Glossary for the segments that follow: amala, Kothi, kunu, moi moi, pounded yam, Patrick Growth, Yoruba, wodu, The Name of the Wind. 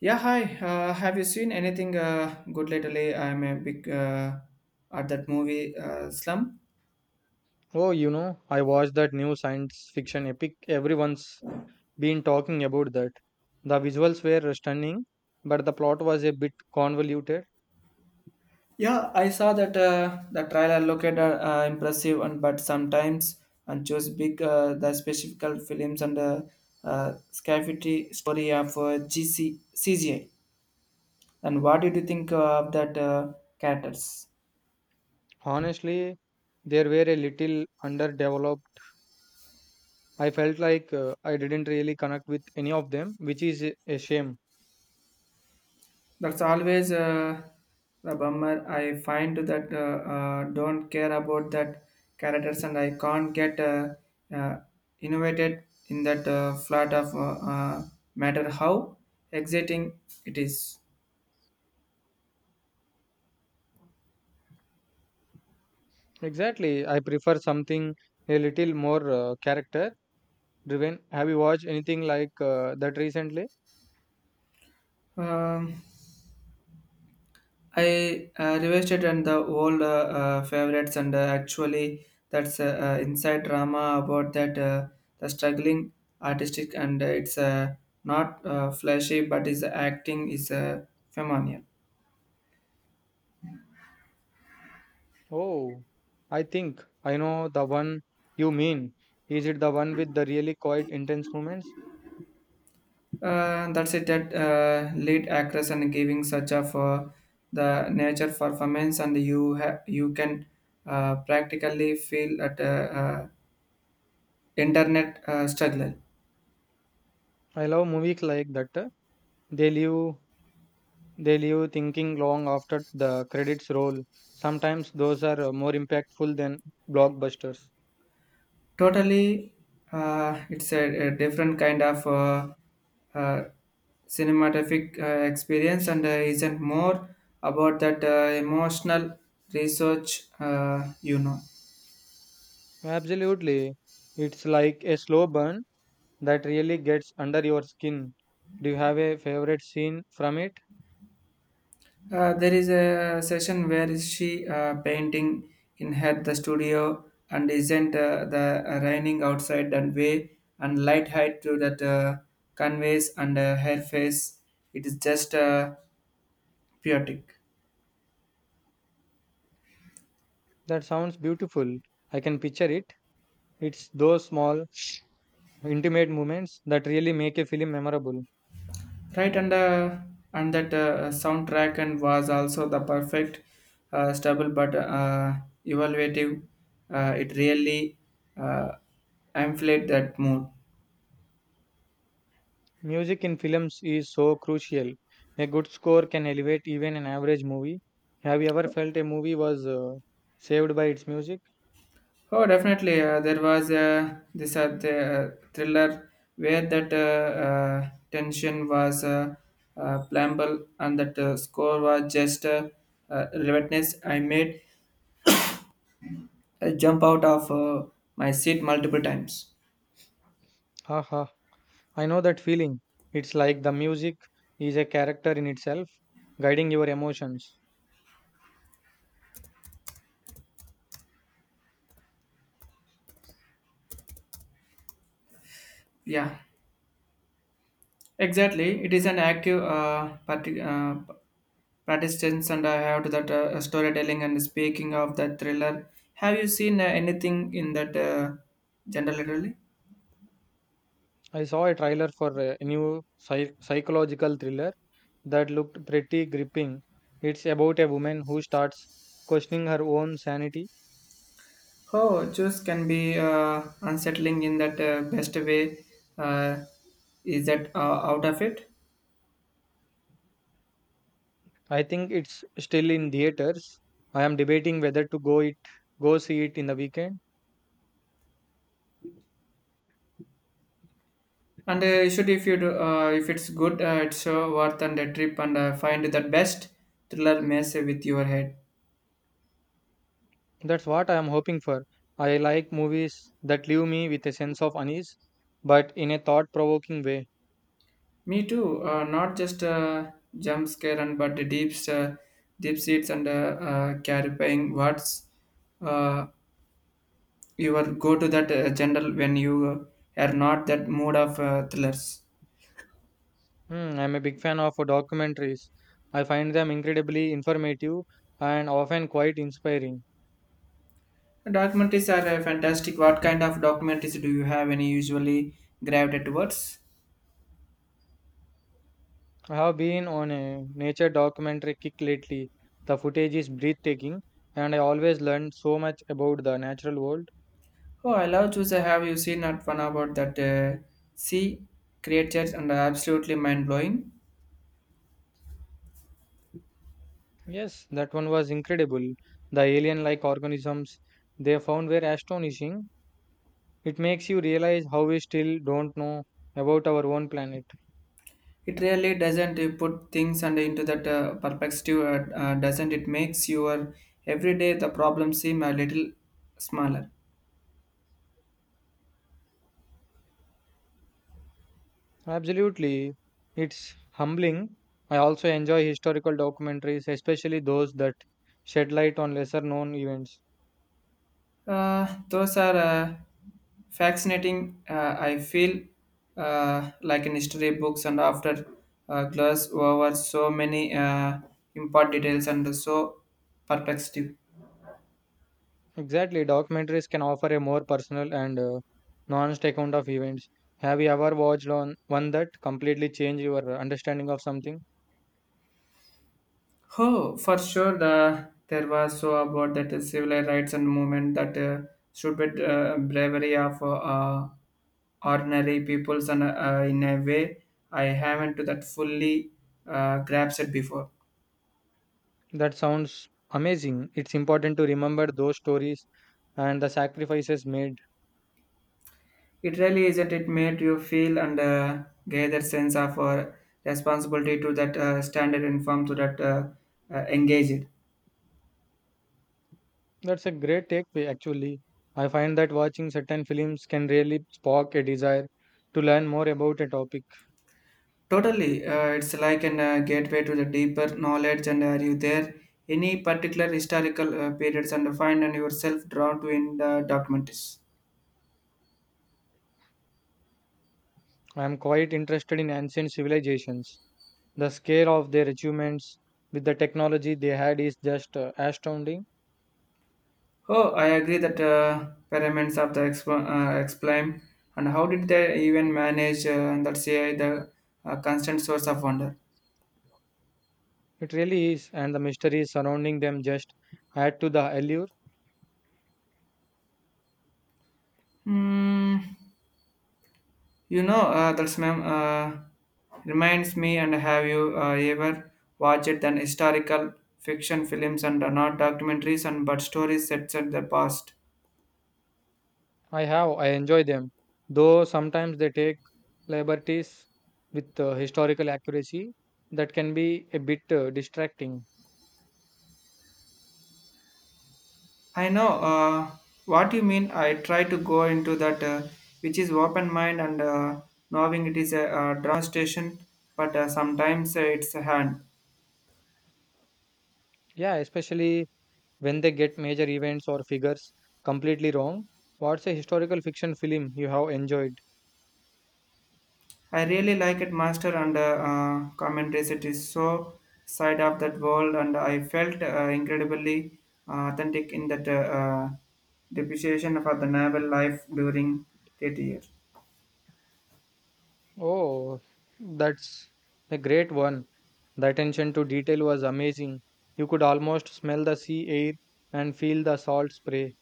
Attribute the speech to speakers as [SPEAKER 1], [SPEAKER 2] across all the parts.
[SPEAKER 1] Yeah, hi. Have you seen anything good lately? I'm a big at that movie Slum.
[SPEAKER 2] Oh, you know, I watched that new science fiction epic. Everyone's been talking about that. The visuals were stunning, but the plot was a bit convoluted.
[SPEAKER 1] Yeah, I saw that the trailer looked impressive, and but sometimes and chose big the specific films and scarcity story of GC. And what did you think of that characters?
[SPEAKER 2] Honestly, they were a little underdeveloped. I felt like I didn't really connect with any of them, which is a shame.
[SPEAKER 1] That's always the bummer. I find that don't care about that characters, and I can't get uh, innovated in that flat of matter how exciting it is.
[SPEAKER 2] Exactly. I prefer something a little more character driven. Have you watched anything like that recently?
[SPEAKER 1] Um, I revisited and the old favorites, and actually, that's inside drama about that the struggling artistic, and it's not flashy, but his acting is phenomenal.
[SPEAKER 2] Oh, I think I know the one you mean. Is it the one with the really quiet, intense moments?
[SPEAKER 1] That's it. That lead actress and giving such of the nature performance, and you can practically feel at internet struggle.
[SPEAKER 2] I love movies like that. They leave they leave thinking long after the credits roll. Sometimes those are more impactful than blockbusters.
[SPEAKER 1] Totally, it's a different kind of uh, cinematographic experience, and isn't more about that emotional research.
[SPEAKER 2] Absolutely. It's like a slow burn that really gets under your skin. Do you have a favorite scene from it?
[SPEAKER 1] There is a session where she painting in her the studio and isn't the raining outside and way and light height to that canvas and her face. It is just poetic,
[SPEAKER 2] That sounds beautiful. I can picture it. It's those small intimate moments that really make a film memorable.
[SPEAKER 1] right? And that soundtrack and was also the perfect stable but evaluative. It really uh, amplified that mood.
[SPEAKER 2] Music in films is so crucial. A good score can elevate even an average movie. Have you ever felt a movie was saved by its music?
[SPEAKER 1] Oh, definitely. There was this the thriller where that tension was playable and that score was just relentless. I made a jump out of my seat multiple times.
[SPEAKER 2] Haha, I know that feeling. It's like the music is a character in itself, guiding your emotions.
[SPEAKER 1] Yeah, exactly. It is an active participants, and I have to that storytelling and speaking of that thriller. Have you seen anything in that genre lately?
[SPEAKER 2] I saw a trailer for a new psychological thriller that looked pretty gripping. It's about a woman who starts questioning her own sanity.
[SPEAKER 1] Oh, juice can be unsettling in that best way. Uh, is that out of it?
[SPEAKER 2] I think it's still in theaters. I am debating whether to go it go see it in the weekend.
[SPEAKER 1] And should if you do, if it's good, it's so worth and a trip and find that best thriller mess with your head.
[SPEAKER 2] That's what I am hoping for. I like movies that leave me with a sense of unease, but in a thought-provoking way.
[SPEAKER 1] Me too. Not just jump scare and but the deep seats and clarifying words. Uh, you will go to that general when you are not that mood of thrillers.
[SPEAKER 2] Hmm, I'm a big fan of documentaries. I find them incredibly informative and often quite inspiring.
[SPEAKER 1] Documentaries are fantastic. What kind of documentaries do you have any usually gravitate towards?
[SPEAKER 2] I have been on a nature documentary kick lately. The footage is breathtaking, and I always learn so much about the natural world.
[SPEAKER 1] Oh, I love to I have you seen that one about that sea creatures and absolutely mind blowing?
[SPEAKER 2] Yes, that one was incredible. The alien like organisms they found were astonishing. It makes you realize how we still don't know about our own planet.
[SPEAKER 1] It really doesn't put things and into that perspective, doesn't it? Makes your everyday the problem seem a little smaller.
[SPEAKER 2] Absolutely. It's humbling. I also enjoy historical documentaries, especially those that shed light on lesser known events.
[SPEAKER 1] Those are fascinating. I feel like in history books, and after gloss over so many important details and so perplexing.
[SPEAKER 2] Exactly, documentaries can offer a more personal and nuanced account of events. Have you ever watched on one that completely changed your understanding of something?
[SPEAKER 1] Oh, for sure, there was so about that civil rights and movement that stupid bravery of ordinary peoples, and in a way I haven't to that fully grasped it before.
[SPEAKER 2] That sounds amazing. It's important to remember those stories and the sacrifices made.
[SPEAKER 1] It really isn't. It made you feel and gather sense of responsibility to that standard inform to that engaged.
[SPEAKER 2] That's a great takeaway, actually. I find that watching certain films can really spark a desire to learn more about a topic.
[SPEAKER 1] Totally, it's like an gateway to the deeper knowledge. And are you there any particular historical periods and find and yourself drawn to in the documentaries?
[SPEAKER 2] I am quite interested in ancient civilizations. The scale of their achievements with the technology they had is just astounding.
[SPEAKER 1] Oh, I agree that pyramids of the explain and how did they even manage that say the constant source of wonder.
[SPEAKER 2] It really is, and the mysteries surrounding them just add to the allure.
[SPEAKER 1] Hmm. You know, that's ma'am reminds me. And have you ever watched an historical fiction films and not documentaries and but stories set at the past?
[SPEAKER 2] I have. I enjoy them, though sometimes they take liberties with historical accuracy that can be a bit distracting.
[SPEAKER 1] I know what you mean. I try to go into that, which is open mind and knowing it is a, drum station, but sometimes it's a hand.
[SPEAKER 2] Yeah, especially when they get major events or figures completely wrong. What's a historical fiction film you have enjoyed?
[SPEAKER 1] I really like it, Master, and commentaries. It is so side of that world, and I felt incredibly authentic in that depreciation for the naval life during that year.
[SPEAKER 2] Oh, that's a great one. The attention to detail was amazing. You could almost smell the sea air and feel the salt spray.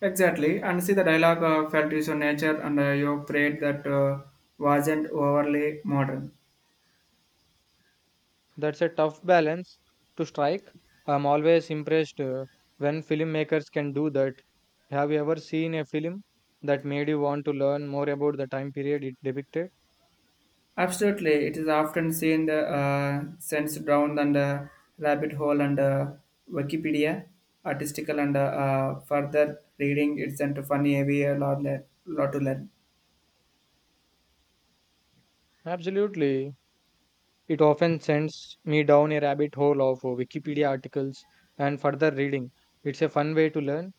[SPEAKER 1] Exactly, and see the dialogue felt is so nature, and you prayed that wasn't overly modern.
[SPEAKER 2] That's a tough balance to strike. I'm always impressed when filmmakers can do that. Have you ever seen a film that made you want to learn more about the time period it depicted?
[SPEAKER 1] Absolutely, it is often seen sent down and rabbit hole and Wikipedia, artistical and further reading. It's into funny heavy a lot, lot to learn.
[SPEAKER 2] Absolutely. It often sends me down a rabbit hole of Wikipedia articles and further reading. It's a fun way to learn.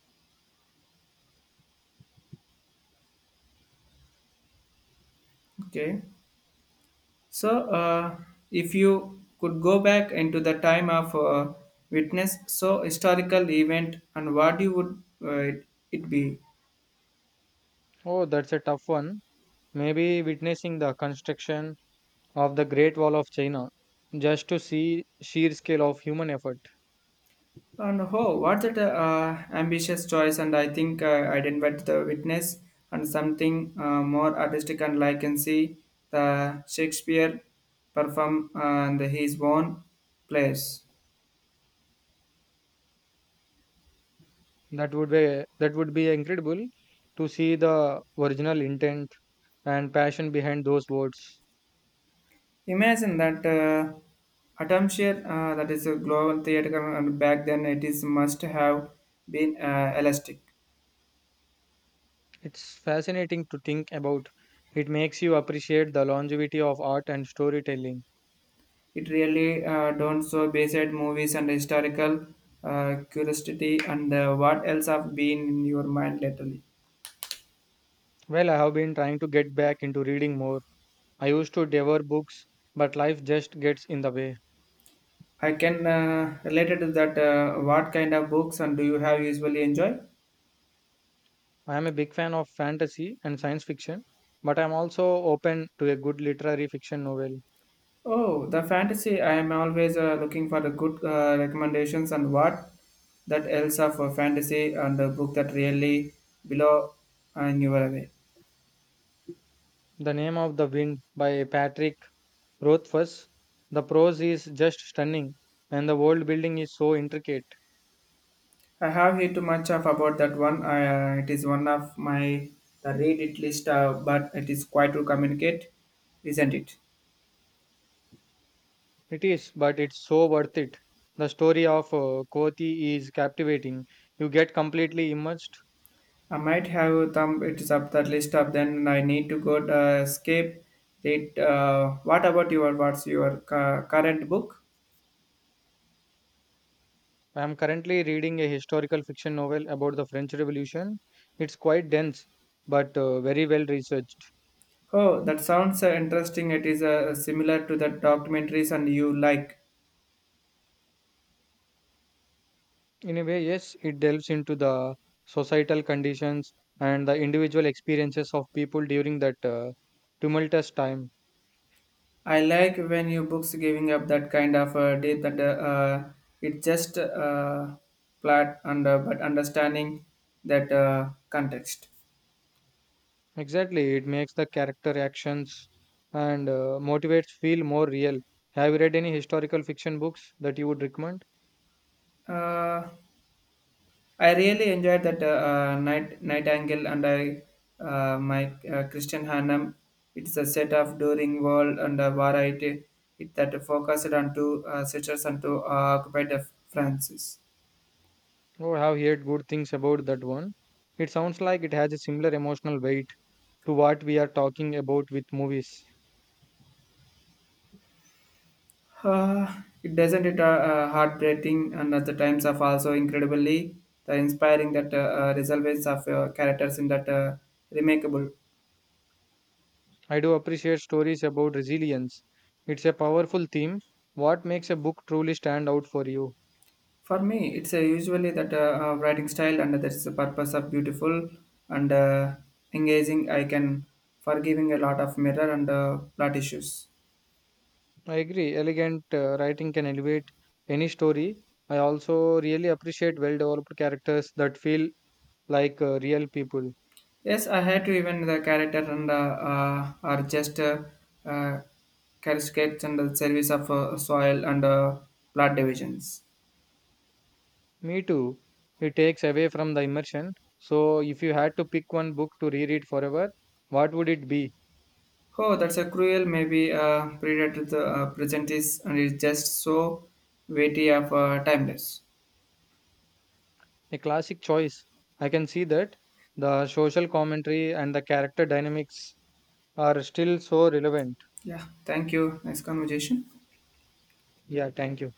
[SPEAKER 1] Okay, so if you could go back into the time of witness, so historical event, and what you would it be?
[SPEAKER 2] Oh, that's a tough one. Maybe witnessing the construction of the Great Wall of China just to see sheer scale of human effort.
[SPEAKER 1] And oh, what's that ambitious choice? And I think I didn't but the witness and something more artistic. And I can see the Shakespeare perform and his own plays.
[SPEAKER 2] That would be incredible to see the original intent and passion behind those words.
[SPEAKER 1] Imagine that atmosphere that is a global theater, and back then it is must have been elastic.
[SPEAKER 2] It's fascinating to think about. It makes you appreciate the longevity of art and storytelling.
[SPEAKER 1] It really don't so based movies and historical curiosity and what else have been in your mind lately.
[SPEAKER 2] Well, I have been trying to get back into reading more. I used to devour books, but life just gets in the way.
[SPEAKER 1] I can relate it to that. What kind of books and do you have usually enjoy?
[SPEAKER 2] I am a big fan of fantasy and science fiction, but I'm also open to a good literary fiction novel.
[SPEAKER 1] Oh, the fantasy. I am always looking for the good recommendations and what that else of a fantasy and a book that really below and you were away.
[SPEAKER 2] The Name of the Wind by Patrick Growth first, the prose is just stunning, and the world building is so intricate.
[SPEAKER 1] I have heard too much of about that one. I, it is one of my the read it list, but it is quite to communicate, isn't it?
[SPEAKER 2] It is, but it's so worth it. The story of Kothi is captivating. You get completely immersed.
[SPEAKER 1] I might have thumb it up that list up, then I need to go to escape it. What about your current book?
[SPEAKER 2] I am currently reading a historical fiction novel about the French Revolution. It's quite dense, but very well researched.
[SPEAKER 1] Oh, that sounds interesting. It is similar to the documentaries and you like.
[SPEAKER 2] In a way, yes, it delves into the societal conditions and the individual experiences of people during that tumultuous time.
[SPEAKER 1] I like when you books giving up that kind of deep that uh, it just plot and but understanding that context.
[SPEAKER 2] Exactly, it makes the character actions and motivates feel more real. Have you read any historical fiction books that you would recommend?
[SPEAKER 1] Uh, I really enjoyed that night angle, and I my Christian Hannum. It's a set of during world and a variety it, that focused on two sisters and two occupied of Francis.
[SPEAKER 2] Or have heard good things about that one? It sounds like it has a similar emotional weight to what we are talking about with movies.
[SPEAKER 1] Uh, it doesn't it heartbreaking and at the times of also incredibly the inspiring that resolves of characters in that remarkable.
[SPEAKER 2] I do appreciate stories about resilience. It's a powerful theme. What makes a book truly stand out for you?
[SPEAKER 1] For me, it's usually that writing style and that's the purpose of beautiful and engaging. I can forgiving a lot of mirror and plot issues.
[SPEAKER 2] I agree, elegant writing can elevate any story. I also really appreciate well developed characters that feel like real people.
[SPEAKER 1] Yes, I had to even the character and are just uh, cascades and the service of soil and plot divisions.
[SPEAKER 2] Me too. It takes away from the immersion. So, if you had to pick one book to reread forever, what would it be?
[SPEAKER 1] Oh, that's a cruel maybe predator the present is and it's just so weighty of timeless.
[SPEAKER 2] A classic choice. I can see that. The social commentary and the character dynamics are still so relevant.
[SPEAKER 1] Yeah, thank you. Nice conversation.
[SPEAKER 2] Yeah, thank you.